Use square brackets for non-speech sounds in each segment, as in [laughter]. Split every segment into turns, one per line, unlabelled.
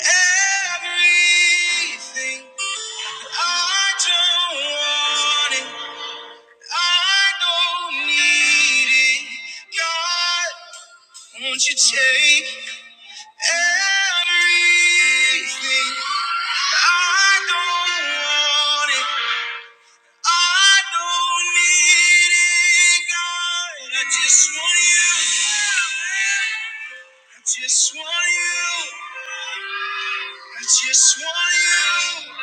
Everything I don't want it, I don't need it. God, won't you take everything? I don't want it. I don't need it, God. I just want you. I just want you. I just want you.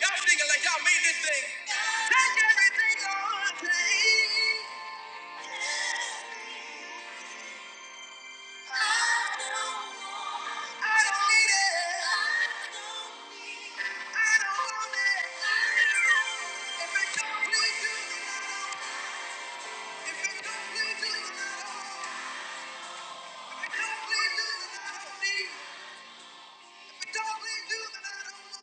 Y'all thinking like y'all made this thing. If If don't don't don't need. If it don't You, You. then then I I need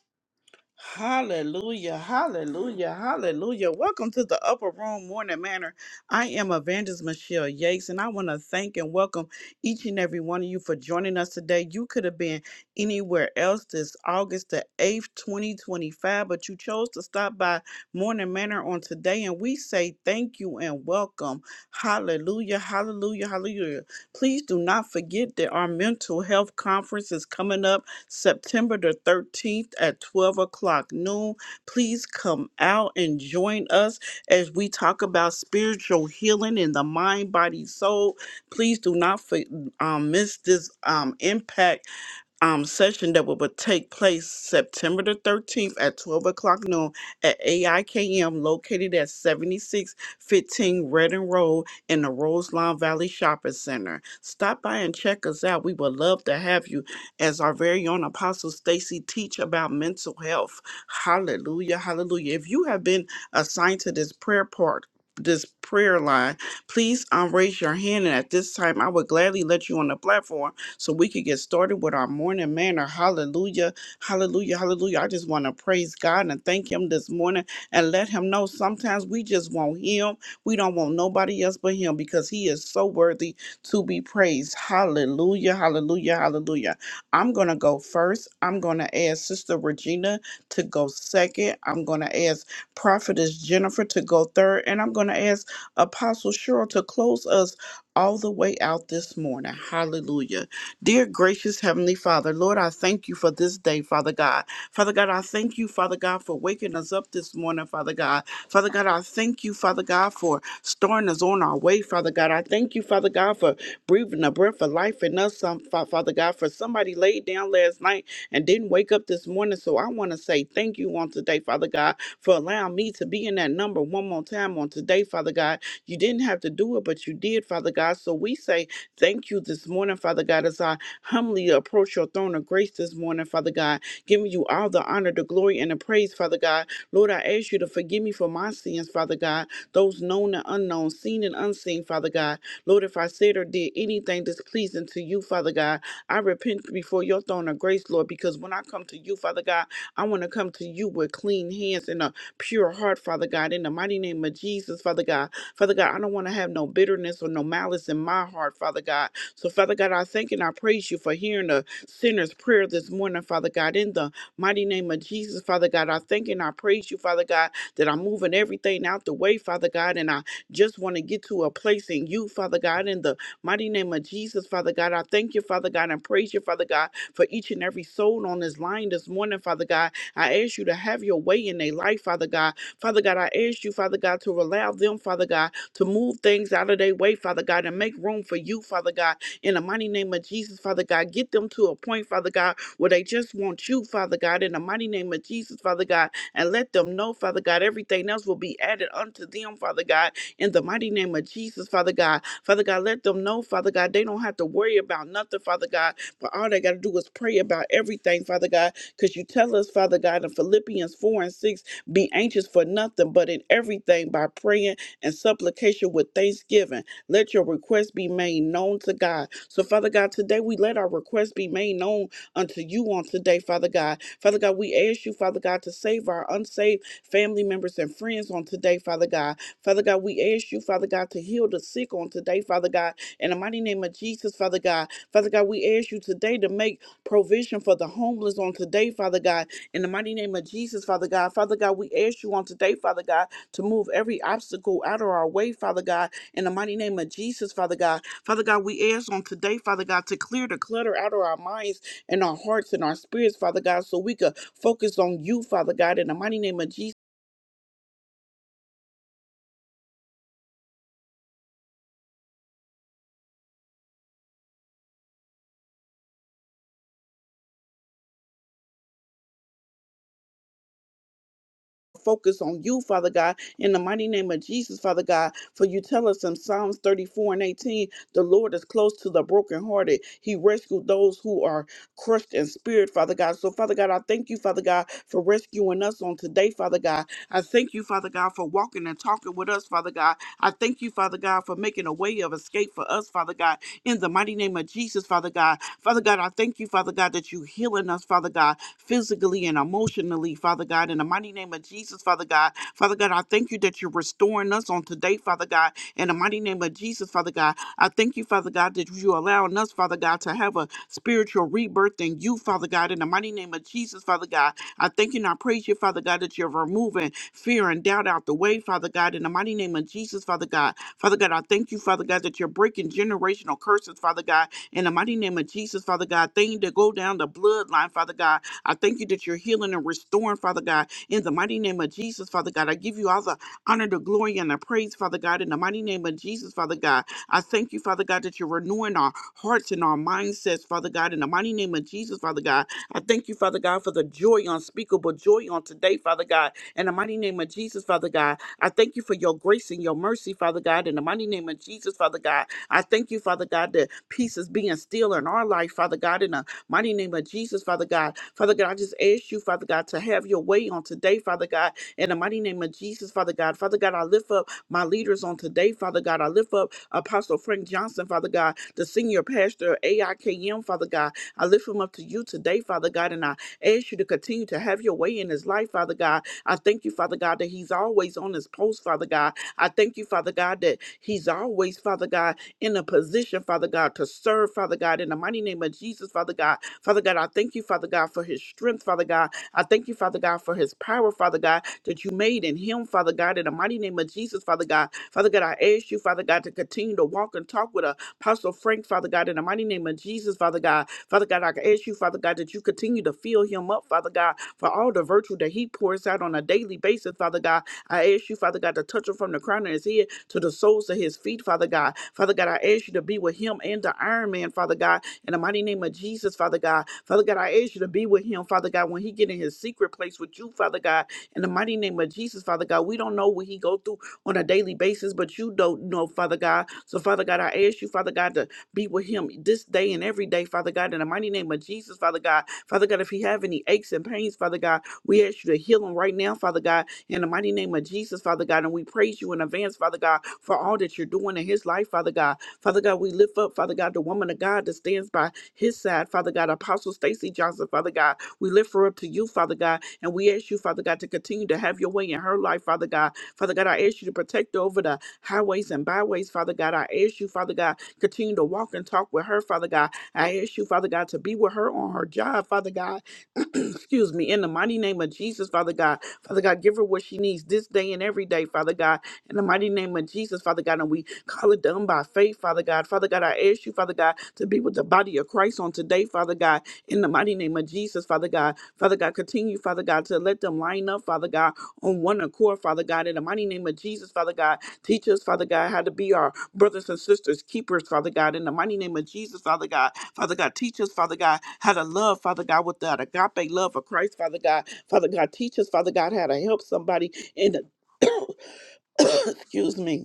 Hallelujah, hallelujah, hallelujah. Welcome to the Upper Room Morning Manor. I am Evangelist Michelle Yates, and I want to thank and welcome each and every one of you for joining us today. You could have been anywhere else this August the 8th, 2025, but you chose to stop by Morning Manor on today, and we say thank you and welcome. Hallelujah, hallelujah, hallelujah. Please do not forget that our mental health conference is coming up September the 13th at 12 o'clock noon. Please come out and join us as we talk about spiritual healing in the mind, body, soul. Please do not fa- um, miss this um, impact um, session that will, will take place September the 13th at 12 o'clock noon at AIKM located at 7615 Redden Road in the Roselawn Valley Shopping Center. Stop by and check us out. We would love to have you as our very own Apostle Stacy teach about mental health. Hallelujah, hallelujah. If you have been assigned to this prayer part, this prayer line, please um, raise your hand. And at this time, I would gladly let you on the platform so we could get started with our morning manner. Hallelujah. Hallelujah. Hallelujah. I just want to praise God and thank Him this morning and let Him know sometimes we just want Him. We don't want nobody else but Him because He is so worthy to be praised. Hallelujah. Hallelujah. Hallelujah. I'm going to go first. I'm going to ask Sister Regina to go second. I'm going to ask Prophetess Jennifer to go third. And I'm going to ask Apostle Cheryl to close us all the way out this morning. Hallelujah. Dear gracious Heavenly Father, Lord, I thank you for this day, Father God. Father God, I thank you, Father God, for waking us up this morning, Father God. Father God, I thank you, Father God, for starting us on our way, Father God. I thank you, Father God, for breathing the breath of life in us, some- Fa- Father God, for somebody laid down last night and didn't wake up this morning. So I want to say thank you on today, Father God, for allowing me to be in that number one more time on today, Father God. You didn't have to do it, but you did, Father God. So we say Thank you this morning, Father God, as I humbly approach your throne of grace this morning, Father God, giving you all the honor, the glory, and the praise, Father God. Lord, I ask you to forgive me for my sins, Father God, those known and unknown, seen and unseen, Father God. Lord, if I said or did anything displeasing to you, Father God, I repent before your throne of grace, Lord, because when I come to you, Father God, I want to come to you with clean hands and a pure heart, Father God, in the mighty name of Jesus, Father God. Father God, I don't want to have no bitterness or no malice in my heart, Father God. So, Father God, I thank and I praise you for hearing the sinner's prayer this morning, Father God. In the mighty name of Jesus, Father God, I thank and I praise you, Father God, that I'm moving everything out the way, Father God, and I just want to get to a place in you, Father God. In the mighty name of Jesus, Father God, I thank you, Father God, and praise you, Father God, for each and every soul on this line this morning, Father God. I ask you to have your way in their life, Father God. Father God, I ask you, Father God, to allow them, Father God, to move things out of their way, Father God, and make room for you, Father God, in the mighty name of Jesus, Father God. Get them to a point, Father God, where they just want you, Father God, in the mighty name of Jesus, Father God, and let them know, Father God, everything else will be added unto them, Father God, in the mighty name of Jesus, Father God. Father God, let them know, Father God, they don't have to worry about nothing, Father God, but all they got to do is pray about everything, Father God, because you tell us, Father God, in Philippians 4 and 6 be anxious for nothing, but in everything by praying and supplication with thanksgiving. Let your requests be made known to God. So, Father God, today we let our requests be made known unto you on today, Father God. Father God, we ask you, Father God, to save our unsaved family members and friends on today, Father God. Father God, we ask you, Father God, to heal the sick on today, Father God. In the mighty name of Jesus, Father God. Father God, we ask you today to make provision for the homeless on today, Father God in the mighty name of Jesus, Father God, Father God, we ask you on today, Father God, to move every obstacle out of our way, Father God. In the mighty name of Jesus, Father God, Father God, we ask on today, Father God, to clear the clutter out of our minds and our hearts and our spirits, Father God, so we could focus on you, Father God. In the mighty name of Jesus. focus on you, Father God, in the mighty name of Jesus, Father God. For you tell us in Psalms 34 and 18, the Lord is close to the brokenhearted. He rescued those who are crushed in spirit, Father God. So, Father God, I thank you, Father God, for rescuing us on today, Father God. I thank you, Father God, for walking and talking with us, Father God. I thank you, Father God, for making a way of escape for us, Father God, in the mighty name of Jesus, Father God. Father God, I thank you, Father God, that you healing us, Father God physically and emotionally, Father God. In the mighty name of Jesus, Father God. Father God, I thank you that you're restoring us on today, Father God. In the mighty name of Jesus, Father God. I thank you, Father God, that you're allowing us, Father God, to have a spiritual rebirth in you, Father God. In the mighty name of Jesus, Father God. I thank you and I praise you, Father God, that you're removing fear and doubt out the way, Father God. In the mighty name of Jesus, Father God. Father God, I thank you, Father God, that you're breaking generational curses, Father God. In the mighty name of Jesus, Father God, things that go down the bloodline, Father God. I thank you that you're healing and restoring, Father God, in the mighty name of Jesus, Father God. I give you all the honor, the glory, and the praise, Father God, in the mighty name of Jesus, Father God. I thank you, Father God, that you're renewing our hearts and our mindsets, Father God, in the mighty name of Jesus, Father God. I thank you, Father God, for the joy unspeakable, joy on today, Father God, in the mighty name of Jesus, Father God. I thank you for your grace and your mercy, Father God, in the mighty name of Jesus, Father God. I thank you, Father God, that peace is being still in our life, Father God, in the Mighty name of Jesus, Father God. Father God, I just ask you, Father God, to have your way on today, Father God. In the mighty name of Jesus, Father God. Father God, I lift up my leaders on today, Father God. I lift up Apostle Frank Johnson, Father God, the senior pastor of AIKM, Father God. I lift him up to you today, Father God, and I ask you to continue to have your way in his life, Father God. I thank you, Father God, that he's always on his post, Father God. I thank you, Father God, that he's always, Father God, in a position, Father God, to serve, Father God, in the mighty name of Jesus, Father God. Father God, I thank you, Father God, for his strength, Father God. I thank you, Father God, for his power, Father God, that you made in him, Father God, in the mighty name of Jesus, Father God. Father God, I ask you, Father God, to continue to walk and talk with Apostle Frank, Father God, in the mighty name of Jesus, Father God. Father God, I ask you, Father God, that you continue to fill him up, Father God, for all the virtue that he pours out on a daily basis, Father God. I ask you, Father God, to touch him from the crown of his head to the soles of his feet, Father God. Father God, I ask you to be with him and the Iron Man, Father God. In the mighty name of Jesus, Father God. Father God, I ask you to be with him, Father God, when he get in his secret place with you, Father God. In the mighty name of Jesus, Father God, we don't know what he go through on a daily basis, but you don't know, Father God. So, Father God, I ask you, Father God, to be with him this day and every day, Father God. In the mighty name of Jesus, Father God. Father God, if he have any aches and pains, Father God, we ask you to heal him right now, Father God. In the mighty name of Jesus, Father God, and we praise you in advance, Father God, for all that you're doing in his life, Father God. Father God, we lift up, Father God, the woman of God that stands by his side, Father God, Apostle Stacy Johnson, Father God. We lift her up to you, Father God, and we ask you, Father God, to continue to have your way in her life, Father God. Father God, I ask you to protect her over the highways and byways, Father God. I ask you, Father God, continue to walk and talk with her, Father God. I ask you, Father God, to be with her on her job, Father God. [clears throat] excuse me, in the mighty name of Jesus, Father God. Father God, give her what she needs this day and every day, Father God. In the mighty name of Jesus, Father God, and we call it done by faith, Father God. Father God, I ask you, Father God, to be with the body of Christ on today, Father God. In the mighty name of Jesus, Father God. Father God, continue, Father God, to let them line up, Father God, on one accord, Father God. In the mighty name of Jesus, Father God, teach us, Father God, how to be our brothers and sisters, keepers, Father God, in the mighty name of Jesus, Father God. Father God, teach us, Father God, how to love, Father God, with that agape love of Christ, Father God. Father God, teach us, Father God, how to help somebody in the, [coughs] excuse me,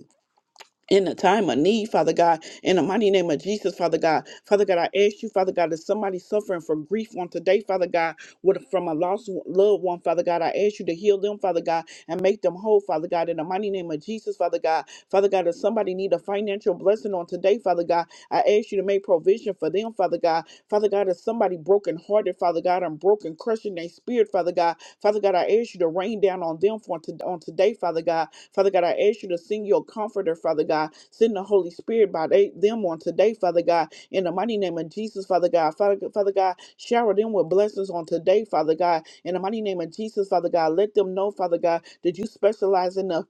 in a time of need, Father God, in the mighty name of Jesus, Father God. Father God, I ask you, Father God, if somebody suffering from grief on today, Father God, with, from a lost loved one, Father God, I ask you to heal them, Father God, and make them whole, Father God, in the mighty name of Jesus, Father God. Father God, if somebody need a financial blessing on today, Father God, I ask you to make provision for them, Father God. Father God, if somebody broken hearted, Father God, I'm broken, crushing their spirit, Father God. Father God, I ask you to rain down on them for on today, Father God. Father God, I ask you to send your comforter, Father God. Send the Holy Spirit by they, them on today, Father God. In the mighty name of Jesus, Father God. Father, Father God, shower them with blessings on today, Father God. In the mighty name of Jesus, Father God, let them know, Father God, that you specialize in the?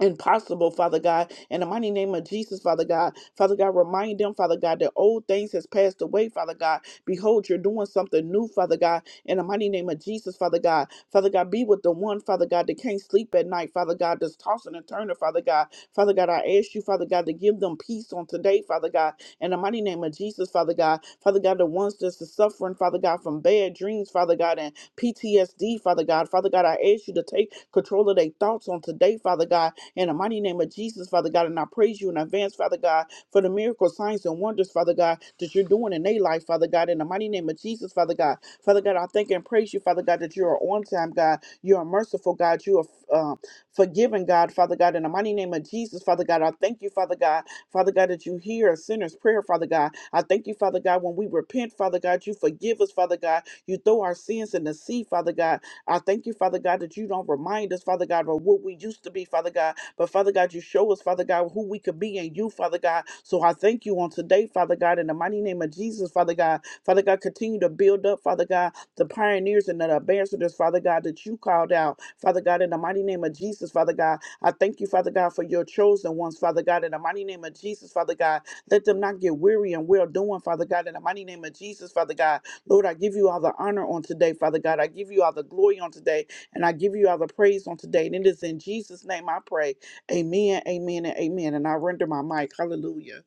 impossible, Father God. In the mighty name of Jesus, Father God. Father God, remind them, Father God, that old things has passed away, Father God. Behold, you're doing something new, Father God. In the mighty name of Jesus, Father God. Father God, be with the one, Father God, that can't sleep at night, Father God, that's tossing and turning, Father God. Father God, I ask you, Father God, to give them peace on today, Father God. In the mighty name of Jesus, Father God. Father God, the ones that's suffering, Father God, from bad dreams, Father God, and PTSD, Father God. Father God, I ask you to take control of their thoughts on today, Father God in the mighty name of Jesus, Father God, and I praise you in advance, Father God, for the miracle signs and wonders, Father God, that you're doing in their life, Father God. In the mighty name of Jesus, Father God. Father God, I thank and praise you, Father God, that you are on time, God. You are merciful, God. You are um, forgiving, God, Father God. In the mighty name of Jesus, Father God, I thank you, Father God, Father God, that you hear a sinner's prayer, Father God. I thank you, Father God, when we repent, Father God, you forgive us, Father God. You throw our sins in the sea, Father God. I thank you, Father God, that you don't remind us, Father God, of what we used to be, Father God. But Father God, you show us, Father God, who we could be in you, Father God. So I thank you on today, Father God, in the mighty name of Jesus, Father God. Father God, continue to build up, Father God, the pioneers and the ambassadors, Father God, that you called out, Father God, in the mighty name of Jesus, Father God. I thank you, Father God, for your chosen ones, Father God, in the mighty name of Jesus, Father God. Let them not get weary and well doing, Father God, in the mighty name of Jesus, Father God. Lord, I give you all the honor on today, Father God. I give you all the glory on today, and I give you all the praise on today. And it is in Jesus' name I pray. Amen, amen, and amen. And I render my mic. Hallelujah.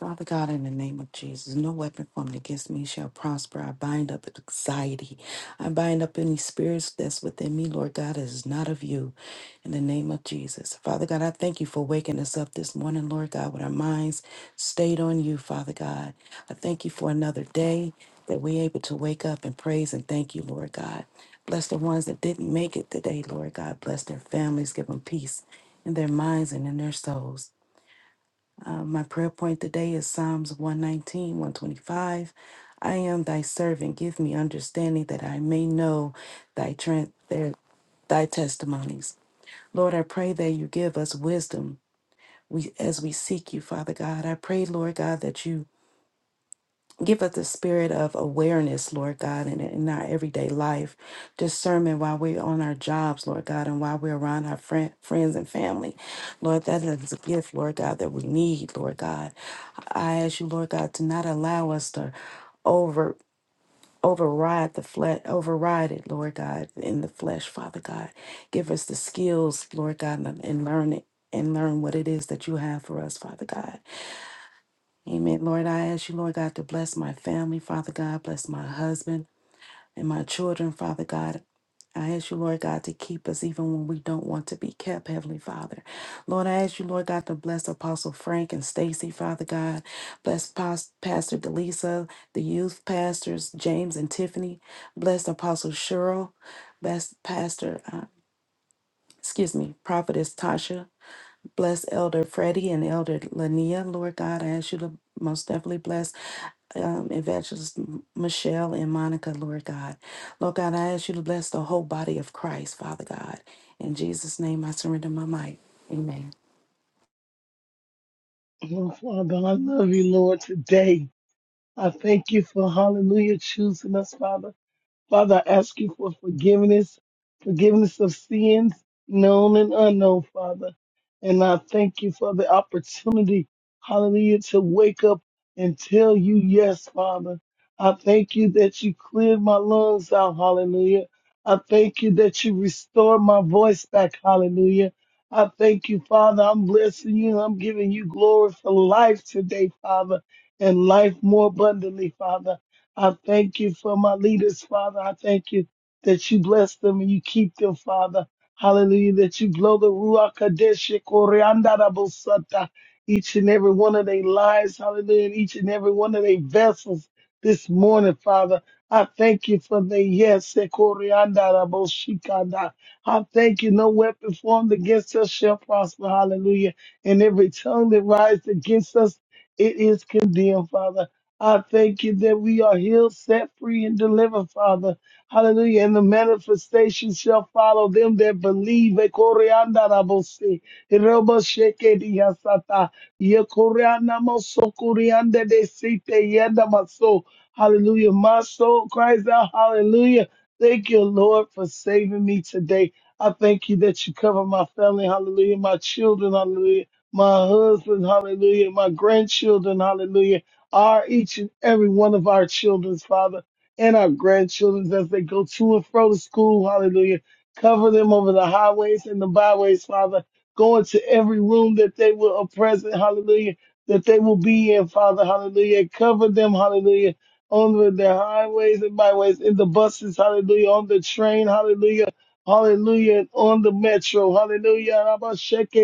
Father God, in the name of Jesus, no weapon formed against me shall prosper. I bind up anxiety. I bind up any spirits that's within me, Lord God, that is not of you. In the name of Jesus. Father God, I thank you for waking us up this morning, Lord God, with our minds stayed on you, Father God. I thank you for another day that we're able to wake up and praise and thank you, Lord God. Bless the ones that didn't make it today, Lord God. Bless their families. Give them peace in their minds and in their souls. Uh, my prayer point today is Psalms 119, 125. I am thy servant. Give me understanding that I may know thy, tran- their, thy testimonies. Lord, I pray that you give us wisdom we, as we seek you, Father God. I pray, Lord God, that you Give us the spirit of awareness, Lord God, in, in our everyday life, discernment while we're on our jobs, Lord God, and while we're around our friend, friends and family. Lord, that is a gift, Lord God, that we need, Lord God. I ask you, Lord God, to not allow us to over override the flesh override it lord god in the flesh father god give us the skills lord god and and learn it and learn what it is that you have for us father god Amen. Lord, I ask you, Lord God, to bless my family, Father God, bless my husband and my children, Father God. I ask you, Lord God, to keep us even when we don't want to be kept, Heavenly Father. Lord, I ask you, Lord God, to bless Apostle Frank and Stacy, Father God. Bless Pas- Pastor Delisa, the youth pastors, James and Tiffany. Bless Apostle Cheryl. Bless Pastor, uh, excuse me, Prophetess Tasha. Bless Elder Freddie and Elder Lania, Lord God. I ask you to most definitely bless um, Evangelist M- Michelle and Monica, Lord God. Lord God, I ask you to bless the whole body of Christ, Father God. In Jesus' name, I surrender my might. Amen.
Oh, Father, I love you, Lord, today. I thank you for hallelujah choosing us, Father. Father, I ask you for forgiveness, forgiveness of sins, known and unknown, Father. And I thank you for the opportunity, hallelujah, to wake up and tell you yes, Father. I thank you that you cleared my lungs out, hallelujah. I thank you that you restored my voice back, hallelujah. I thank you, Father. I'm blessing you. I'm giving you glory for life today, Father, and life more abundantly, Father. I thank you for my leaders, Father. I thank you that you bless them and you keep them, Father. Hallelujah. That you blow the Ruach Kadesh Koreandarabosata, each and every one of their lives. Hallelujah. And each and every one of their vessels this morning, Father. I thank you for the yes. Koreandaraboshikanda. I thank you. No weapon formed against us shall prosper. Hallelujah. And every tongue that rises against us, it is condemned, Father. I thank you that we are healed, set free, and delivered, Father. Hallelujah. And the manifestation shall follow them that believe. Ekoreandarabose, eroboshekediasata, yekoreanamosokoriandedesite, yendamaso. Hallelujah. My soul cries out, Hallelujah. Thank you, Lord, for saving me today. I thank you that you cover my family. Hallelujah. My children. Hallelujah. My husband. Hallelujah. My grandchildren. Hallelujah are each and every one of our children's father and our grandchildren's as they go to and fro to school. Hallelujah. Cover them over the highways and the byways, Father. Go into every room that they will are present. Hallelujah. That they will be in, Father. Hallelujah. Cover them. Hallelujah. On the their highways and byways, in the buses. Hallelujah. On the train. Hallelujah. Hallelujah. On the metro. Hallelujah. Rabba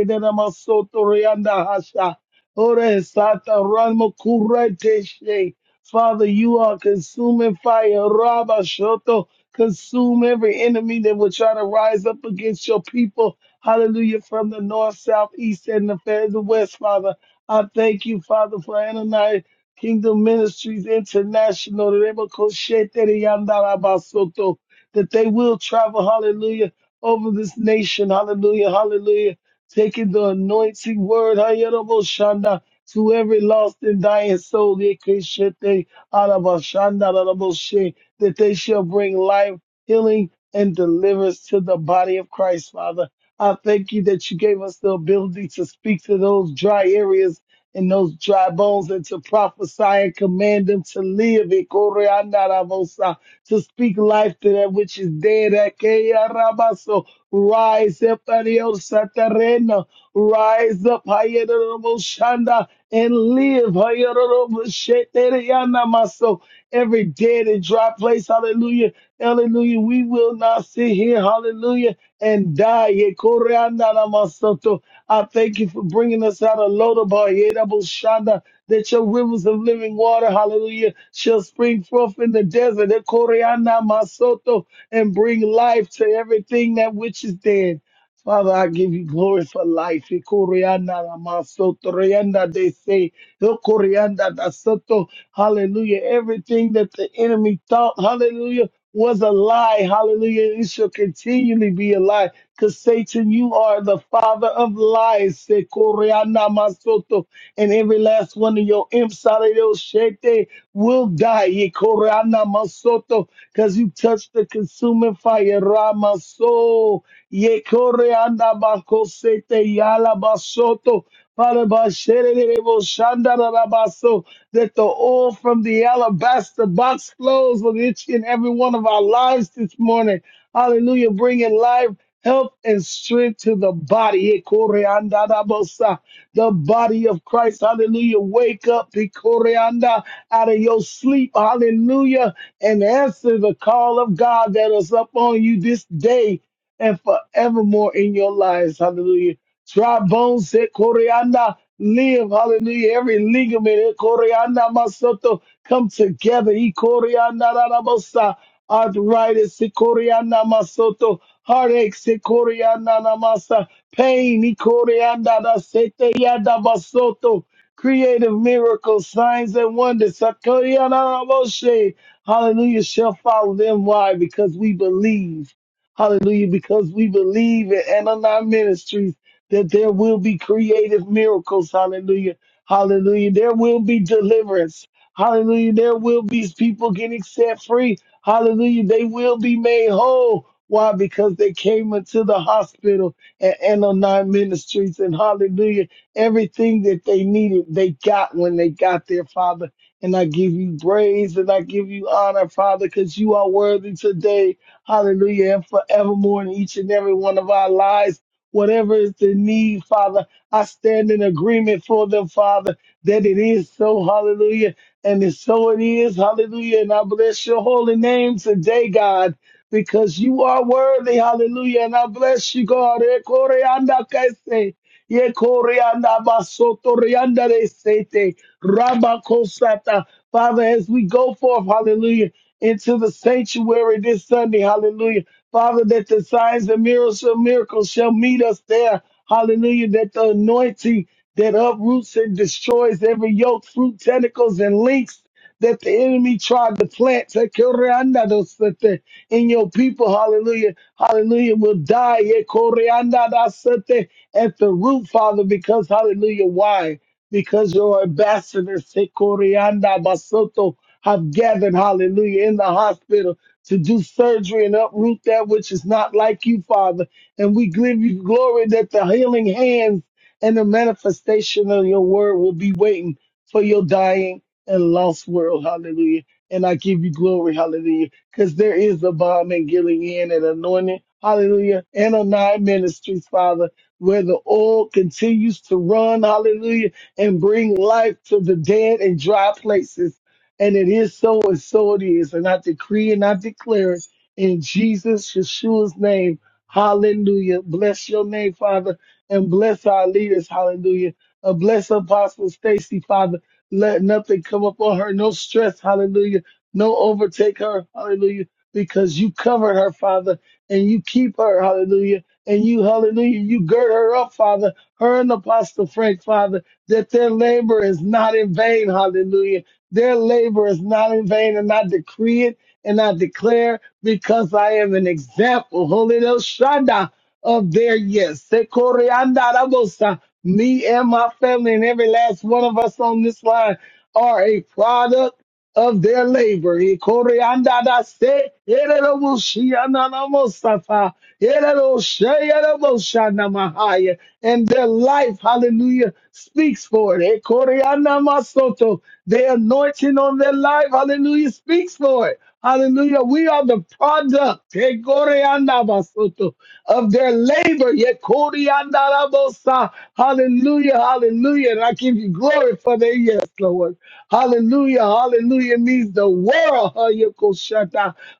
de Ramasoto Rianda Hasha. Ore sata ramo kureteshe. Father, you are consuming fire. Rabba shoto. Consume every enemy that will try to rise up against your people. Hallelujah. From the north, south, east, and the fed- the west, Father. I thank you, Father, for Ananias Kingdom Ministries International. Remo koshete riyandara basoto. That they will travel, hallelujah, over this nation. Hallelujah, hallelujah taking the anointing word Hayarabashanda to every lost and dying soul Yekeshete Arabashanda Araboshe, that they shall bring life, healing, and deliverance to the body of Christ, Father. I thank you that you gave us the ability to speak to those dry areas and those dry bones and to prophesy and command them to live it, Koreanarabosa, to speak life to that which is dead. Akeyarabaso. Rise up, Adios, Satarena. Rise up, Hayarabashanda, and live. Hayarabashetereyana-maso. Every dead and dry place, hallelujah, hallelujah. We will not sit here, hallelujah, and die. Yekoreana-namasoto. I thank you for bringing us out of Lodabar, Hayarabashanda, that your rivers of living water, hallelujah, shall spring forth in the desert. Yekoreana-masoto, And bring life to everything that which is dead. Father, I give you glory for life. Ikorianda namaso, torianda de se, ikorianda da soto. Hallelujah. Everything that the enemy thought, hallelujah, was a lie. Hallelujah. It shall continually be a lie. Because Satan, you are the father of lies. Ikorianda masoto. And every last one of your imps. Sareo Shete will die. Ye Korana Masoto, because you touched the consuming fire. Ramaso. Ye Koreana Bakosete Yala Basoto. Father, Bashere Shanda Rabaso, that the oil from the alabaster box flows on each and every one of our lives this morning. Hallelujah. Bringing life health and strength to the body. Ekoreandarabosa. The body of Christ. Hallelujah. Wake up Ekoreanda, out of your sleep. Hallelujah. And answer the call of God that is upon you this day and forevermore in your lives. Hallelujah. Dry bones said, Corianda, live, hallelujah. Every ligament, eh, Corianda, Masoto, come together. E Corianda, Rarabosa, arthritis, eh, Corianda, Masoto, heartaches, eh, Corianda, Namasa, pain, E Corianda, Rasete, Yada, Masoto, creative miracles, signs, and wonders. Sakorianda, Ramoshe, Hallelujah, shall follow them. Why? Because we believe. Hallelujah, because we believe in Ananon Ministries that there will be creative miracles. Hallelujah. Hallelujah. There will be deliverance. Hallelujah. There will be people getting set free. Hallelujah. They will be made whole. Why? Because they came into the hospital and Nine Ministries and hallelujah. Everything that they needed, they got when they got there, Father. And I give you praise and I give you honor, Father, because you are worthy today. Hallelujah. And forevermore in each and every one of our lives whatever is the need, Father. I stand in agreement for them, Father, that it is so, hallelujah. And it's so it is, hallelujah. And I bless your holy name today, God, because you are worthy, hallelujah. And I bless you, God. Ekoreanda kese, yekoreanda basotoreanda resete, rabakosata. Father, as we go forth, hallelujah, into the sanctuary this Sunday, hallelujah. Father, that the signs and miracles, miracles shall meet us there. Hallelujah. That the anointing that uproots and destroys every yoke, fruit, tentacles, and links that the enemy tried to plant Tekoreandadosete, in your people. Hallelujah. Hallelujah. Will die Ekoreandadasete, at the root, Father, because hallelujah. Why? Because your ambassadors Tekorianda Basoto have gathered, hallelujah, in the hospitals to do surgery and uproot that which is not like you, Father. And we give you glory that the healing hands and the manifestation of your word will be waiting for your dying and lost world. Hallelujah. And I give you glory. Hallelujah. Because there is a bomb in Gilead and anointing. Hallelujah. And a nine ministries, Father, where the oil continues to run. Hallelujah. And bring life to the dead and dry places. And it is so, and so it is. And I decree and I declare it in Jesus, Yeshua's name. Hallelujah. Bless your name, Father, and bless our leaders. Hallelujah. And bless Apostle Stacy, Father. Let nothing come upon her. No stress. Hallelujah. No overtake her. Hallelujah. Because you covered her, Father, and you keep her. Hallelujah. And you, hallelujah, you gird her up, Father, her and Apostle Frank, Father, that their labor is not in vain. Hallelujah their labor is not in vain, and I decree it and I declare because I am an example, Holy Ghost Shanda, of their yes. Sekorianda Rabosa. Me and my family and every last one of us on this line are a product of their labor. Ikoriandadase, ererobushiananamosafa, ererosheyereboshanamahaya. And their life, hallelujah, speaks for it. Ikorianamasoto. The anointing on their life, hallelujah, speaks for it. Hallelujah. We are the product eh, koreandabasuto, of their labor. Ye koreandarabosa. Hallelujah. Hallelujah. And I give you glory for that. Yes, Lord. Hallelujah. Hallelujah. It means the world. huh, ye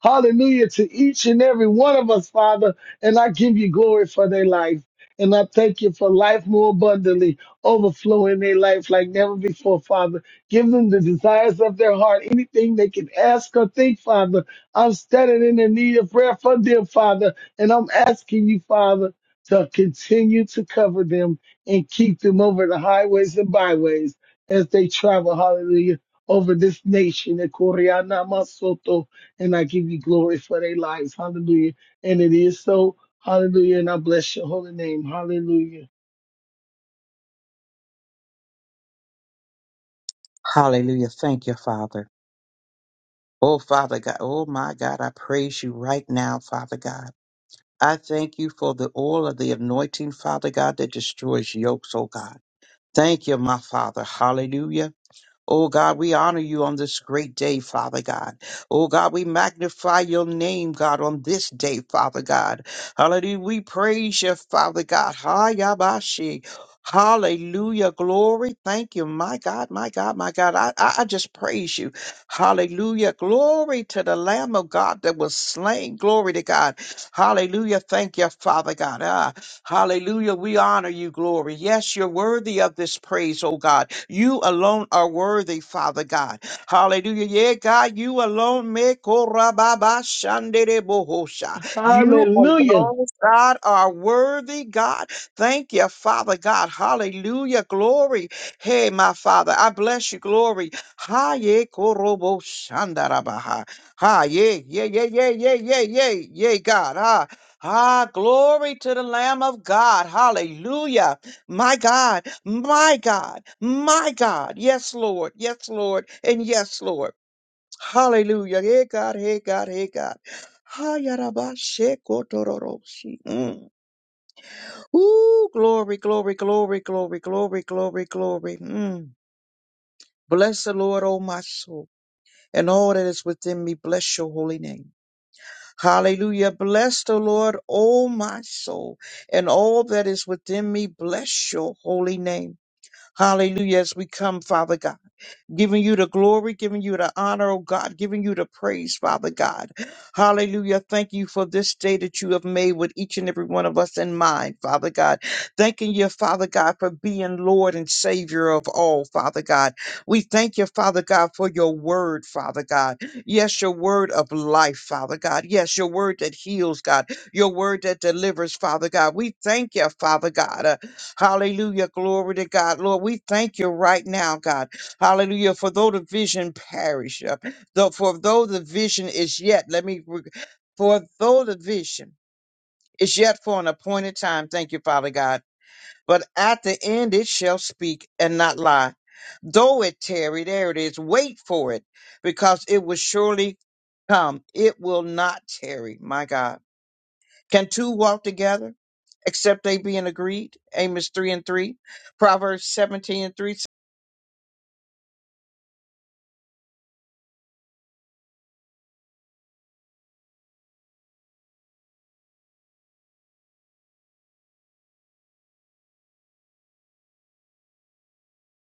Hallelujah to each and every one of us, Father. And I give you glory for their life. And I thank you for life more abundantly, overflowing their life like never before, Father. Give them the desires of their heart, anything they can ask or think, Father. I'm standing in the need of prayer for them, Father, and I'm asking you, Father, to continue to cover them and keep them over the highways and byways as they travel, hallelujah, over this nation. in Koreana Masoto, And I give you glory for their lives, hallelujah. And it is so, hallelujah, and I bless your holy name, hallelujah.
Hallelujah. Thank you, Father. Oh, Father God. Oh, my God. I praise you right now, Father God. I thank you for the oil of the anointing, Father God, that destroys yokes, oh God. Thank you, my Father. Hallelujah. Oh God, we honor you on this great day, Father God. Oh God, we magnify your name, God, on this day, Father God. Hallelujah. We praise you, Father God. Hayabashi. Hallelujah. Glory. Thank you. My God, my God, my God. I, I I just praise you. Hallelujah. Glory to the Lamb of God that was slain. Glory to God. Hallelujah. Thank you, Father God. Ah. Hallelujah. We honor you, glory. Yes, you're worthy of this praise, oh God. You alone are worthy, Father God. Hallelujah. Yeah, God, you alone make korababa bohosha. You
Hallelujah.
alone, God, are worthy, God. Thank you, Father God. Hallelujah. Glory. Hey, my Father, I bless you. Glory. Ha ye korobo shandarabaha. Ha ye yeah, yeah, yeah, yeah, yeah, yeah, yeah, yeah, God. Ah, Ah, glory to the Lamb of God. Hallelujah. My God, my God, my God. Yes, Lord. Yes, Lord. And yes, Lord. Hallelujah. Hey, God. Hey, God. Hey, God. Ha, ya, ra, ba, she, ko, to, ro, ro, she. Mm. Ooh, glory, glory, glory, glory, glory, glory, glory. Mm. Bless the Lord, O my soul, and all that is within me. Bless your holy name. Hallelujah. Bless the Lord, O my soul, and all that is within me. Bless your holy name. Hallelujah. As we come, Father God giving you the glory, giving you the honor, oh God, giving you the praise, Father God. Hallelujah. Thank you for this day that you have made with each and every one of us in mind, Father God. Thanking you, Father God, for being Lord and Savior of all, Father God. We thank you, Father God, for your word, Father God. Yes, your word of life, Father God. Yes, your word that heals, God. Your word that delivers, Father God. We thank you, Father God. Uh, hallelujah. Glory to God. Lord, we thank you right now, God. Hallelujah. For though the vision perish, uh, though for though the vision is yet, let me re- for though the vision is yet for an appointed time, thank you, Father God. But at the end it shall speak and not lie. Though it tarry, there it is, wait for it, because it will surely come. It will not tarry, my God. Can two walk together? Except they be in agreed. Amos 3 and 3. Proverbs 17 and 3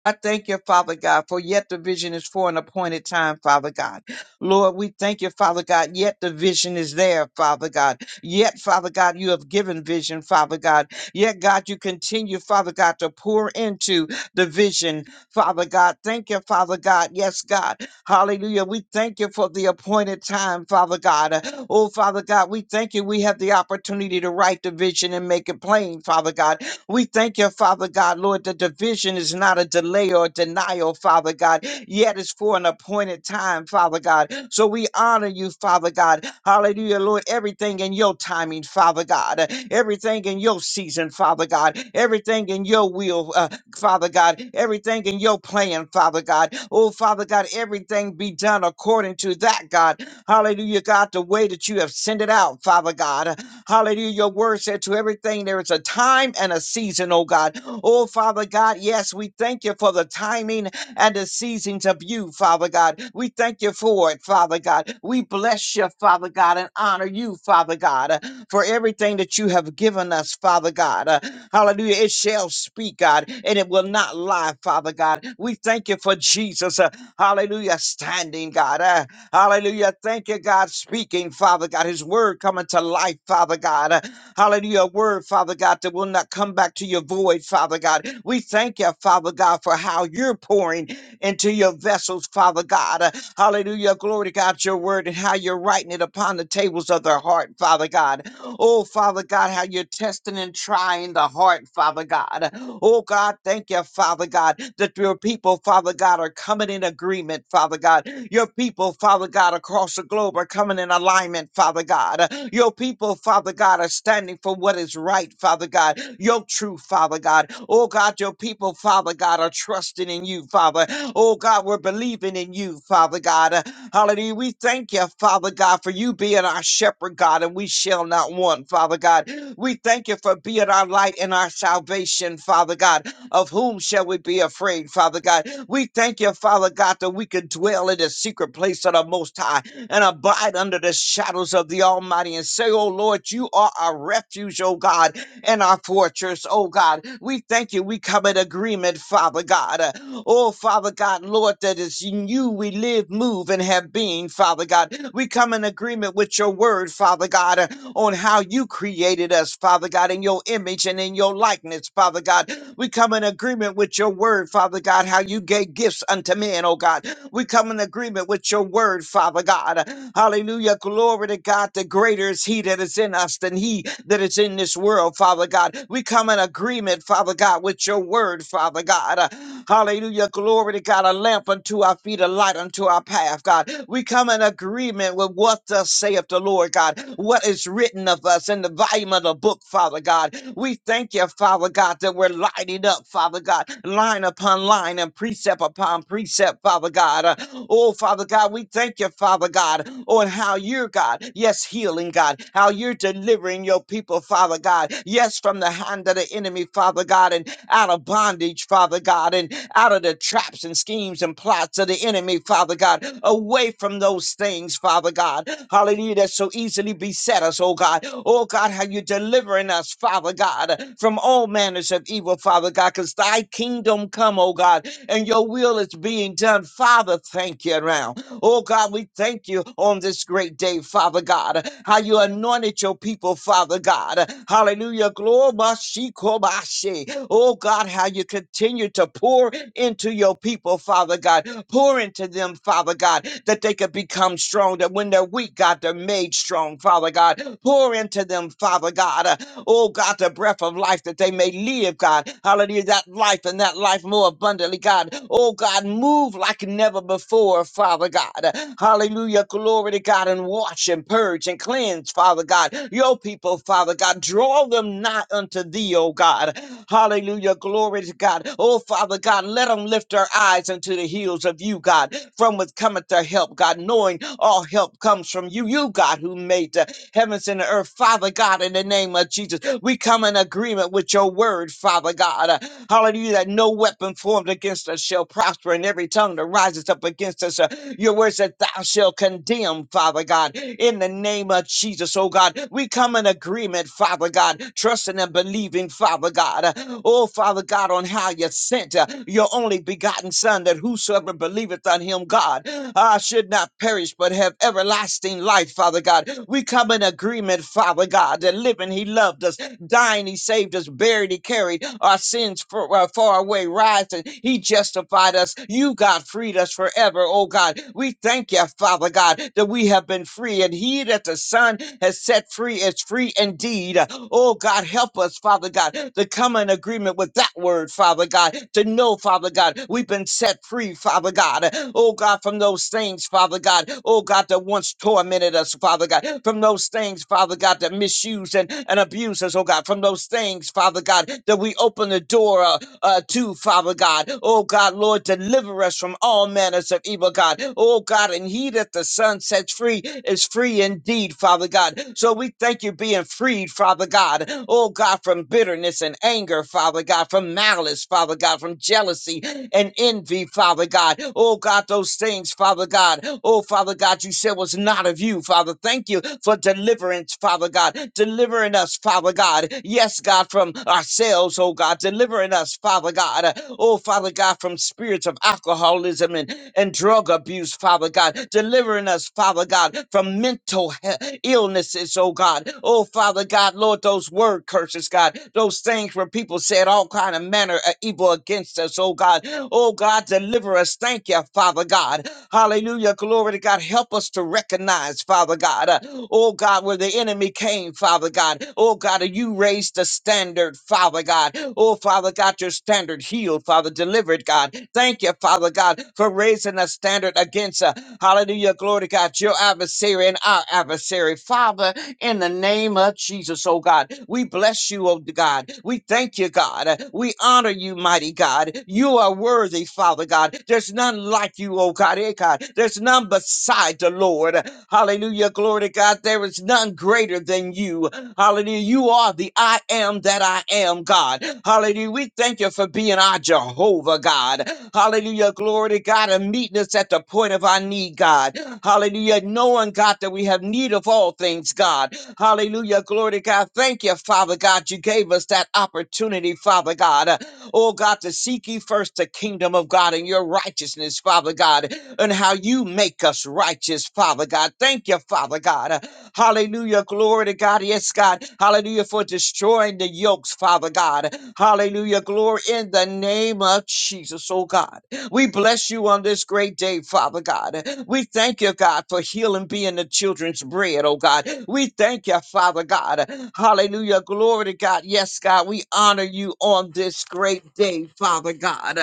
I thank you, Father God, for yet the vision is for an appointed time, Father God. Lord, we thank you, Father God, yet the vision is there, Father God. Yet, Father God, you have given vision, Father God. Yet, God, you continue, Father God, to pour into the vision, Father God. Thank you, Father God. Yes, God. Hallelujah. We thank you for the appointed time, Father God. Uh, Oh, Father God, we thank you. We have the opportunity to write the vision and make it plain, Father God. We thank you, Father God, Lord. The division is not a delay or denial, Father God, yet it's for an appointed time, Father God. So we honor you, Father God. Hallelujah, Lord. Everything in your timing, Father God. Everything in your season, Father God. Everything in your will, uh, Father God. Everything in your plan, Father God. Oh, Father God, everything be done according to that, God. Hallelujah, God, the way that you have sent it out, Father God. Hallelujah. Your word said to everything there is a time and a season, oh God. Oh, Father God, yes, we thank you for the timing and the seasons of you, Father God. We thank you for it, Father God. We bless you, Father God, and honor you, Father God, uh, for everything that you have given us, Father God. Uh, Hallelujah. It shall speak, God, and it will not lie, Father God. We thank you for Jesus. uh, Hallelujah. Standing, God. Hallelujah. Thank you, God, speaking, Father God. His word coming to life, Father God. Uh, Hallelujah. A word, Father God, that will not come back to your void, Father God. We thank you, Father God, for how you're pouring into your vessels, Father God. Uh, Hallelujah. Glory to God, your word and how you're writing it upon the tables of their heart, Father God. Oh, Father God, how you're testing and trying the heart, Father God. Oh, God, thank you, Father God, that your people, Father God, are coming in agreement, Father God. Your people, Father God, across the globe are coming in alignment, Father God. Your people, people, Father God, are standing for what is right, Father God, your truth, Father God. Oh God, your people, Father God, are trusting in you, Father. Oh God, we're believing in you, Father God. Uh, Hallelujah. We thank you, Father God, for you being our shepherd, God, and we shall not want, Father God. We thank you for being our light and our salvation, Father God. Of whom shall we be afraid, Father God? We thank you, Father God, that we can dwell in the secret place of the Most High and abide under the shadows of the Almighty and say, Oh Lord, you are our refuge, oh God, and our fortress, oh God. We thank you. We come in agreement, Father God. Uh, Oh, Father God, Lord, that is in you we live, move, and have being, Father God. We come in agreement with your word, Father God, uh, on how you created us, Father God, in your image and in your likeness, Father God. We come in agreement with your word, Father God, how you gave gifts unto men, oh God. We come in agreement with your word, Father God. Hallelujah. Glory to God. The greater is he that is in us than he that is in this world, Father God. We come in agreement, Father God, with your word, Father God. Hallelujah. Glory to God. A lamp unto our feet, a light unto our path, God. We come in agreement with what thus saith the Lord, God. What is written of us in the volume of the book, Father God. We thank you, Father God, that we're lighting up, Father God, line upon line and precept upon on precept, Father God. Uh, Oh, Father God, we thank you, Father God, on how you're God. Yes, healing God, how you're delivering your people, Father God. Yes, from the hand of the enemy, Father God, and out of bondage, Father God, and out of the traps and schemes and plots of the enemy, Father God, away from those things, Father God. Hallelujah, that so easily beset us, oh God. Oh God, how you're delivering us, Father God, from all manners of evil, Father God, because thy kingdom come, oh God and your will is being done. Father, thank you now. Oh God, we thank you on this great day, Father God, how you anointed your people, Father God. Hallelujah. Glory. Oh God, how you continue to pour into your people, Father God. Pour into them, Father God, that they could become strong, that when they're weak, God, they're made strong, Father God. Pour into them, Father God. uh, oh, God, the breath of life that they may live, God. Hallelujah, that life and that life more abundantly, God. Oh, God, move like never before, Father God. God. Hallelujah. Glory to God. And wash and purge and cleanse, Father God. Your people, Father God. Draw them not unto thee, O God. Hallelujah. Glory to God. Oh, Father God, let them lift their eyes unto the heels of you, God. From with cometh their help, God, knowing all help comes from you, you, God, who made the heavens and the earth. Father God, in the name of Jesus, we come in agreement with your word, Father God. Uh, Hallelujah, that no weapon formed against us shall prosper, and every tongue that rises up against us, uh, your word said, Thou shalt condemn, Father God, in the name of Jesus, oh God. We come in agreement agreement, Father God, trusting and believing, Father God. Oh, Father God, on how you sent uh, your only begotten Son, that whosoever believeth on him, God, uh, should not perish but have everlasting life, Father God. We come in agreement, Father God, that living He loved us Dying, he saved us. Buried, he carried our sins for, uh, far away. Rising, he justified us. You, God, freed us forever. Oh, God, we thank you, Father God, that we have been free. And he that the Son has set free is free indeed. Oh, God, help us, Father God, to come in agreement with that word, Father God, to know, Father God, we've been set free, Father God. Oh, God, from those things, Father God. Oh, God, that once tormented us, Father God, from those things, Father God, that misuse and, and abuse us, oh God, from those things, Father God, that we open the door uh, uh, to, Father God. Oh God, Lord, deliver us from all manners of evil, God. Oh God, and he that the Son sets free is free indeed, Father God. So we thank you being freed, Father God. Oh God, from bitterness and anger, Father God, from malice, Father God, from jealousy and envy, Father God. Oh God, those things, Father God. Oh Father God, you said was not of you, Father. Thank you for deliverance, Father God. Delivering us, Father God. Yes, God, from ourselves, oh God. Delivering us, Father God. Uh, Oh, Father God, from spirits of alcoholism and, and drug abuse, Father God. Delivering us, Father God, from mental he- illnesses, oh God. Oh, Father God, Lord, those word curses, God. Those things where people said all kind of manner of evil against us, oh God. Oh, God, deliver us. Thank you, Father God. Hallelujah. Glory to God. Help us to recognize, Father God, uh, oh God, where the enemy came, Father God. Oh God, you raised the standard, Father God. Oh Father God, your standard healed, Father, delivered, God. Thank you, Father God, for raising a standard against, uh, hallelujah, glory to God, your adversary and our adversary. Father, in the name of Jesus, oh God. We bless you, oh God. We thank you, God. We honor you, mighty God. You are worthy, Father God. There's none like you, oh God. Eh, God. There's none beside the Lord. Hallelujah. Glory to God. There is none greater than you. Hallelujah. You are the I am that I am, God. Hallelujah. We thank you for being our Jehovah, God. Hallelujah. Glory to God and meeting us at the point of our need, God. Hallelujah. Knowing, God, that we have need of all things, God. Hallelujah. Glory to God. Thank you, Father God. You gave us that opportunity, Father God. Uh, Oh, God, to seek ye first the kingdom of God and your righteousness, Father God, and how you make us righteous, Father God. Thank you, Father God. Uh, Hallelujah. Glory to God. Yes, God. Hallelujah for destroying the yokes, Father God. Hallelujah. Glory in the name of Jesus, oh God. We bless you on this great day, Father God. We thank you, God, for healing being the children's bread, oh God. We thank you, Father God. Hallelujah. Glory to God. Yes, God, we honor you on this great day, Father God.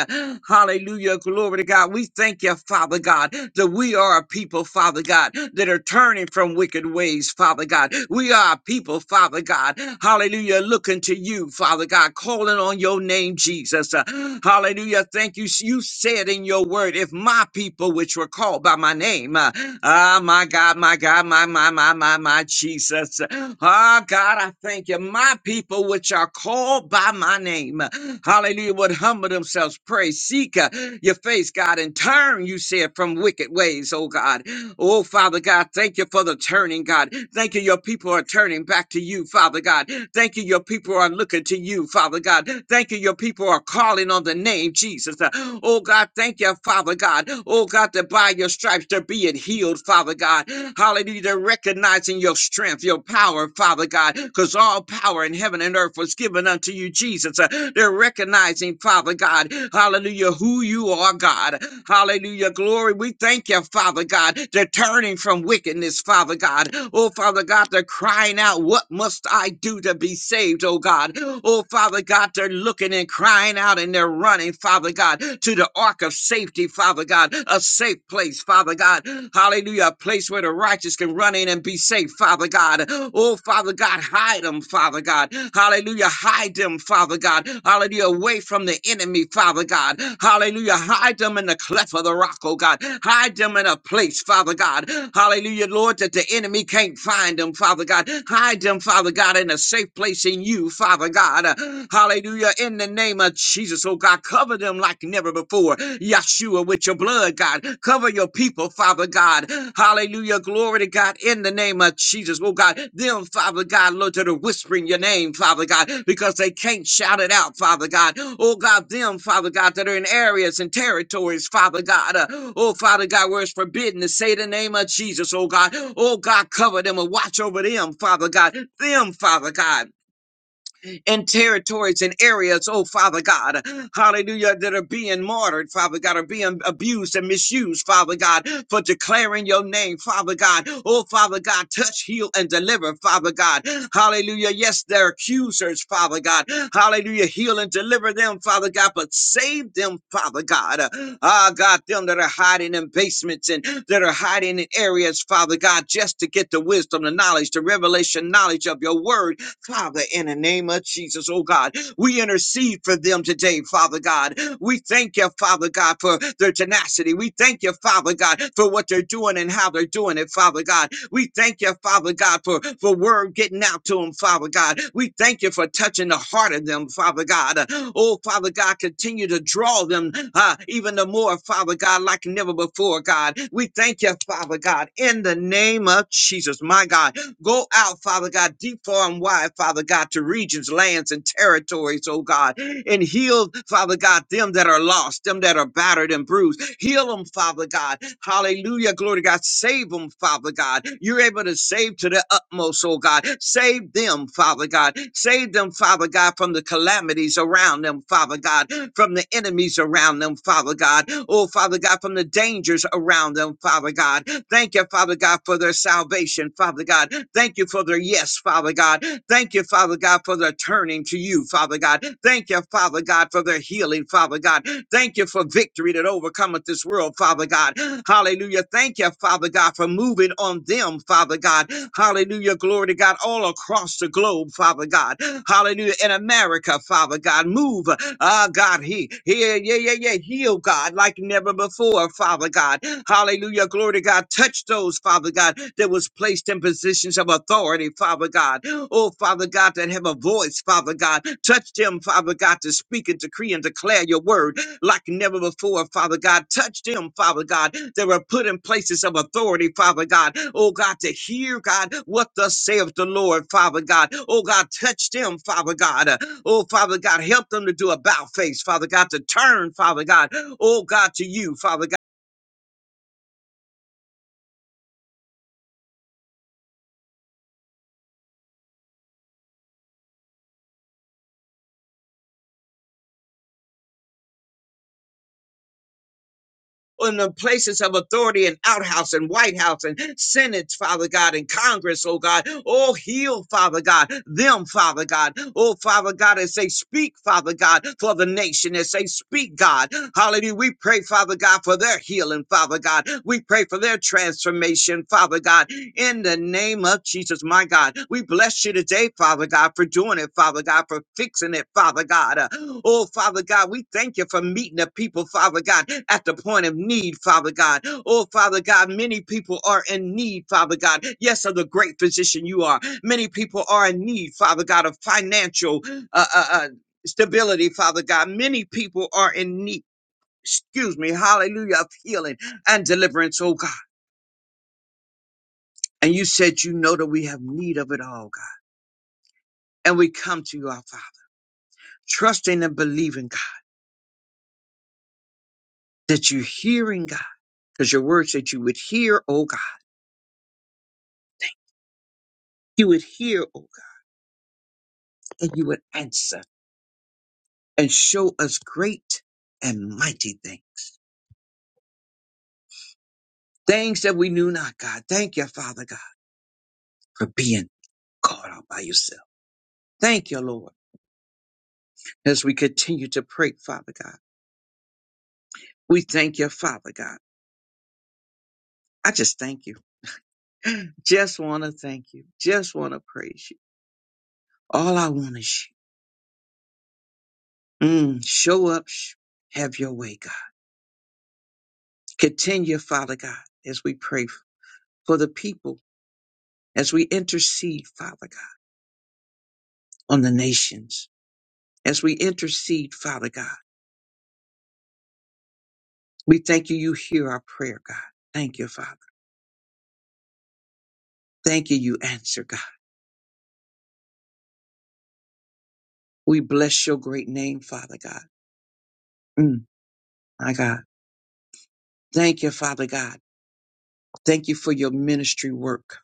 Hallelujah. Glory to God. We thank you, Father God, that we are a people, Father God, that are turning from wicked ways, Father God. We are a people, Father God. Hallelujah. Hallelujah. Looking to you, Father God, calling on your name, Jesus. Uh, hallelujah. Thank you. You said in your word, if my people, which were called by my name, uh, ah, my God, my God, my, my, my, my, my, Jesus. Ah, God, I thank you. My people, which are called by my name, uh, hallelujah, would humble themselves, pray, seek uh, your face, God, and turn, you said, from wicked ways, oh God. Oh, Father God, thank you for the turning, God. Thank you, your people are turning back to you, Father God. Thank you, your people are looking to you, Father God. Thank you, your people are calling on the name Jesus. Uh, Oh, God, thank you, Father God. Oh, God, that by your stripes they're being healed, Father God. Hallelujah, they're recognizing your strength, your power, Father God, because all power in heaven and earth was given unto you, Jesus. Uh, They're recognizing recognizing, Father God, hallelujah, who you are, God. Hallelujah, glory. We thank you, Father God, They're turning from wickedness, Father God. Oh, Father God, they're crying out, What must I do to be saved, oh God? Oh, Father God, they're looking and crying out and they're running, Father God, to the ark of safety, Father God, a safe place, Father God. Hallelujah, a place where the righteous can run in and be safe, Father. Father God. Oh, Father God, hide them, Father God. Hallelujah. Hide them, Father God. Hallelujah. Away from the enemy, Father God. Hallelujah. Hide them in the cleft of the rock, oh God. Hide them in a place, Father God. Hallelujah, Lord, that the enemy can't find them, Father God. Hide them, Father God, in a safe place in you, Father God. Hallelujah. In the name of Jesus, oh God, cover them like never before. Yahshua, with your blood, God. Cover your people, Father God. Hallelujah. Glory to God in the name of Jesus. Oh, God, them, Father God, Lord, that are whispering your name, Father God, because they can't shout it out, Father God. Oh, God, them, Father God, that are in areas and territories, Father God. uh, oh, Father God, where it's forbidden to say the name of Jesus, oh, God. Oh, God, cover them and watch over them, Father God. Them, Father God in territories and areas, oh Father God, hallelujah, that are being martyred, Father God, are being abused and misused, Father God, for declaring your name, Father God. Oh Father God, touch, heal, and deliver, Father God. Hallelujah. Yes, they're accusers, Father God. Hallelujah. Heal and deliver them, Father God, but save them, Father God. Ah, God, them that are hiding in basements and that are hiding in areas, Father God, just to get the wisdom, the knowledge, the revelation knowledge of your word Father, in the name of Jesus, oh God, we intercede for them today, Father God. We thank you, Father God, for their tenacity. We thank you, Father God, for what they're doing and how they're doing it, Father God. We thank you, Father God, for, for word getting out to them, Father God. We thank you for touching the heart of them, Father God. Oh, Father God, continue to draw them uh, even the more, Father God, like never before, God. We thank you, Father God, in the name of Jesus, my God. Go out, Father God, deep, far, and wide, Father God, to regions, lands, and territories, oh God, and heal, Father God, them that are lost, them that are battered and bruised. Heal them, Father God. Hallelujah. Glory to God. Save them, Father God. You're able to save to the utmost, oh God. Save them, Father God. Save them, Father God, from the calamities around them, Father God, from the enemies around them, Father God. Oh, Father God, from the dangers around them, Father God. Thank you, Father God, for their salvation, Father God. Thank you for their yes, Father God. Thank you, Father God, for their turning to you, Father God. Thank you, Father God, for their healing, Father God. Thank you for victory that overcometh this world, Father God. Hallelujah. Thank you, Father God, for moving on them, Father God. Hallelujah. Glory to God all across the globe, household, Father God. Hallelujah. In America, Father God. Move, ah, God, he, He, yeah, yeah, yeah. Heal, God, like never before, Father God. Hallelujah. Glory to God. Touch those, Father God, that was placed in positions of authority, Father God. Oh, Father God, that have a voice, Father God. Touch them, Father God, to speak and decree and declare your word like never before, Father God. Touch them, Father God, that were put in places of authority, Father God. Oh God, to hear, God, what thus saith the Lord, Father God. Oh God, touch them, Father God. Uh, Oh Father God, help them to do a bow face, Father God, to turn, Father God. Oh God, to you, Father God. in the places of authority and outhouse and White House and Senate, Father God, and Congress, oh God. Oh, heal, Father God, them, Father God. Oh, Father God, as they speak, Father God, for the nation, as they speak, God. Hallelujah. We pray, Father God, for their healing, Father God. We pray for their transformation protection, Father God, in the name of Jesus, my God. We bless you today, Father God, for doing it, Father God, for fixing it, Father God. Uh, Oh, Father God, we thank you for meeting the people, Father God, at the point of need, Father God. Oh, Father God, many people are in need, Father God. Yes, of the great physician you are. Many people are in need, Father God, of financial uh, uh, uh, stability, Father God. Many people are in need. Excuse me, hallelujah, of healing and deliverance, oh God. And you said you know that we have need of it all, God. And we come to you, our Father, trusting and believing, God, that you're hearing, God. Because your word said you would hear, oh God. You would hear, oh God, and you would answer and show us great and mighty things. Things that we knew not, God. Thank you, Father God, for being called out by yourself. Thank you, Lord. As we continue to pray, Father God, we thank you, Father God. I just thank you. Just want to thank you. Just want to praise you. All I want is you. Mm, show up, sh- have your way, God. Continue, Father God, as we pray for the people, as we intercede, Father God, on the nations, as we intercede, Father God. We thank you, you hear our prayer, God. Thank you, Father. Thank you, you answer, God. We bless your great name, Father God. Mm, my God. Thank you, Father God. Thank you for your ministry work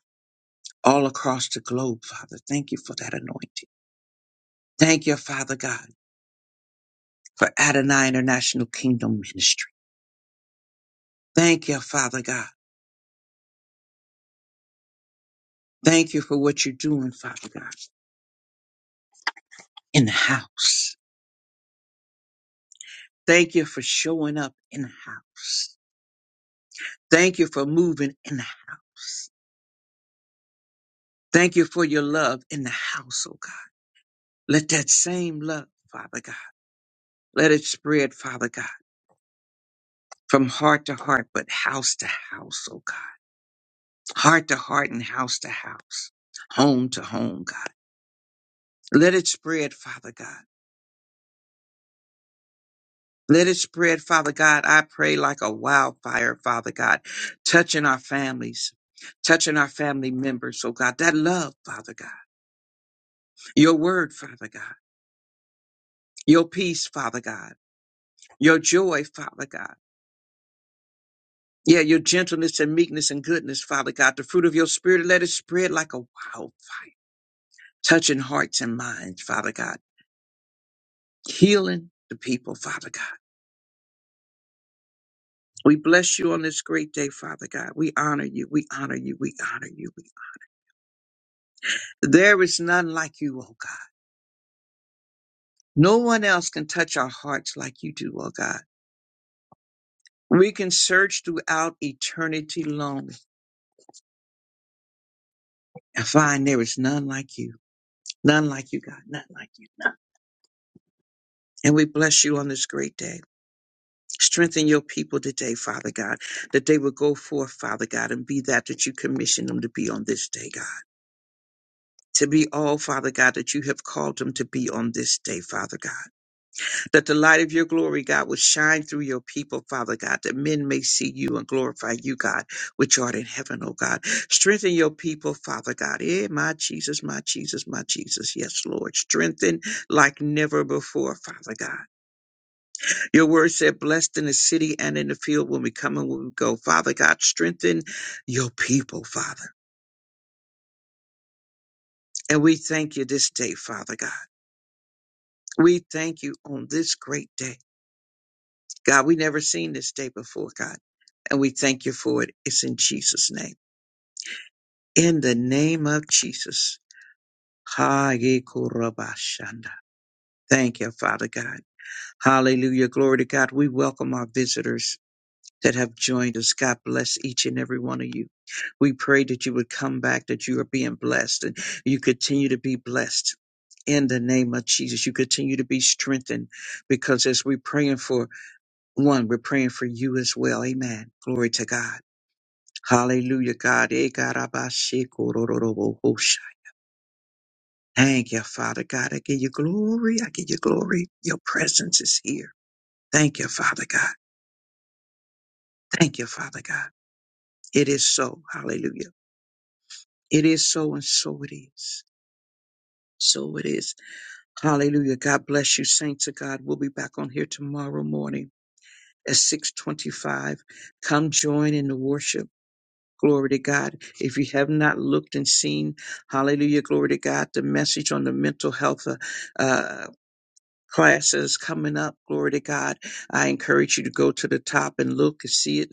all across the globe, Father. Thank you for that anointing. Thank you, Father God, for Adonai International Kingdom Ministry. Thank you, Father God. Thank you for what you're doing, Father God, in the house. Thank you for showing up in the house. Thank you for moving in the house. Thank you for your love in the house, oh God. Let that same love, Father God, let it spread, Father God, from heart to heart, but house to house, oh God. Heart to heart and house to house, home to home, God. Let it spread, Father God. Let it spread, Father God. I pray like a wildfire, Father God, touching our families, touching our family members, oh God. That love, Father God. Your word, Father God. Your peace, Father God. Your joy, Father God. Yeah, your gentleness and meekness and goodness, Father God. The fruit of your spirit, let it spread like a wildfire, touching hearts and minds, Father God. Healing the people, Father God. We bless you on this great day, Father God. We honor you. We honor you. We honor you. We honor you. There is none like you, O God. No one else can touch our hearts like you do, O God. We can search throughout eternity long and find there is none like you. None like you, God. None like you. None. And we bless you on this great day. Strengthen your people today, Father God, that they will go forth, Father God, and be that that you commissioned them to be on this day, God. To be all, Father God, that you have called them to be on this day, Father God. that the light of your glory, God, will shine through your people, Father God, that men may see you and glorify you, God, which art in heaven, oh God. Strengthen your people, Father God. Eh, my Jesus, my Jesus, my Jesus. Yes, Lord. Strengthen like never before, Father God. Your word said, blessed in the city and in the field when we come and when we go. Father God, strengthen your people, Father. And we thank you this day, Father God. We thank you on this great day. God, we never seen this day before, God. And we thank you for it. It's in Jesus' name. In the name of Jesus. Ha ye Thank you, Father God. Hallelujah. Glory to God. We welcome our visitors that have joined us. God bless each and every one of you. We pray that you would come back, that you are being blessed and you continue to be blessed. In the name of Jesus, you continue to be strengthened because as we're praying for one, we're praying for you as well. Amen. Glory to God. Hallelujah, God. Eh, garabashikorororobosha. Thank you, Father God. I give you glory. I give you glory. Your presence is here. Thank you, Father God. Thank you, Father God. It is so. Hallelujah. It is so, and so it is. So it is. Hallelujah. God bless you, saints of God. We'll be back on here tomorrow morning at 625. Come join in the worship. Glory to God. If you have not looked and seen, hallelujah, glory to God, the message on the mental health uh, uh, classes coming up. Glory to God. I encourage you to go to the top and look and see it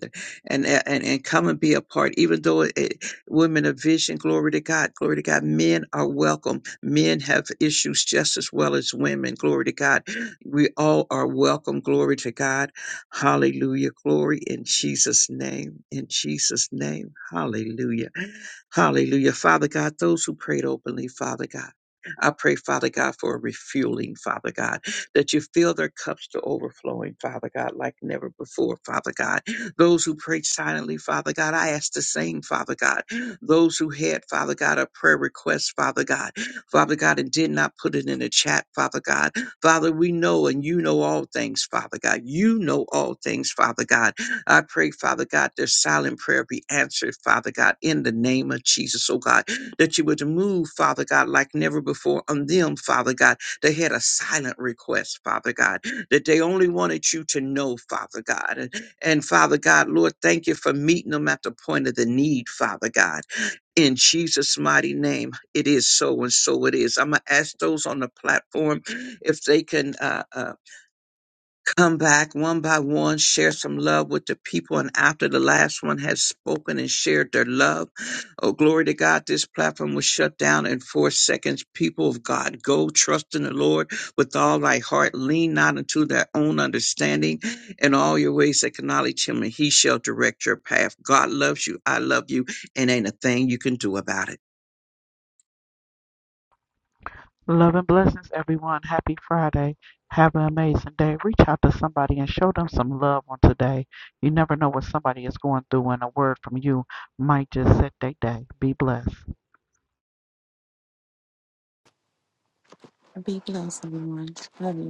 and, and, and come and be a part. Even though it, it- women of vision, glory to God, glory to God. Men are welcome. Men have issues just as well as women. Glory to God. We all are welcome. Glory to God. Hallelujah. Glory in Jesus' name. In Jesus' name. Hallelujah. Hallelujah. Father God, those who prayed openly, Father God. I pray, Father God, for a refueling, Father God that you fill their cups to overflowing, Father God, like never before, Father God. Those who prayed silently, Father God, I ask the same, Father God. Those who had, Father God, a prayer request, Father God, Father God, and did not put it in the chat, Father God. Father, we know and you know all things, Father God. You know all things, Father God. I pray, Father God, their silent prayer be answered, Father God, in the name of Jesus, oh God, that you would move, Father God, like never before on them, Father God they had a silent request, Father God, that they only wanted you to know, Father God. And, and Father God, Lord, thank you for meeting them at the point of the need, Father God. In Jesus' mighty name, it is so and so it is. I'm going to ask those on the platform if they can. Uh, uh, come back one by one, share some love with the people. And after the last one has spoken and shared their love, oh, glory to God, this platform was shut down in four seconds. People of God, go trust in the Lord with all thy heart. Lean not unto their own understanding. In all your ways, acknowledge Him, and he shall direct your path. God loves you. I love you. And ain't a thing you can do about it.
Love and blessings, everyone. Happy Friday. Have an amazing day. Reach out to somebody and show them some love on today. You never know what somebody is going through, and a word from you might just set their day. Be blessed.
Be blessed, everyone. Love you.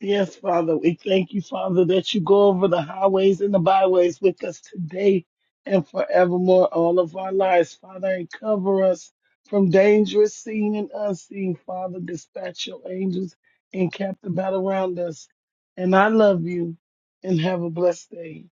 Yes, Father, we thank you, Father, that you go over the highways and the byways with us today and forevermore, all of our lives, Father, and cover us from dangerous seen and unseen. Father, dispatch your angels and cap the battle around us. And I love you and have a blessed day.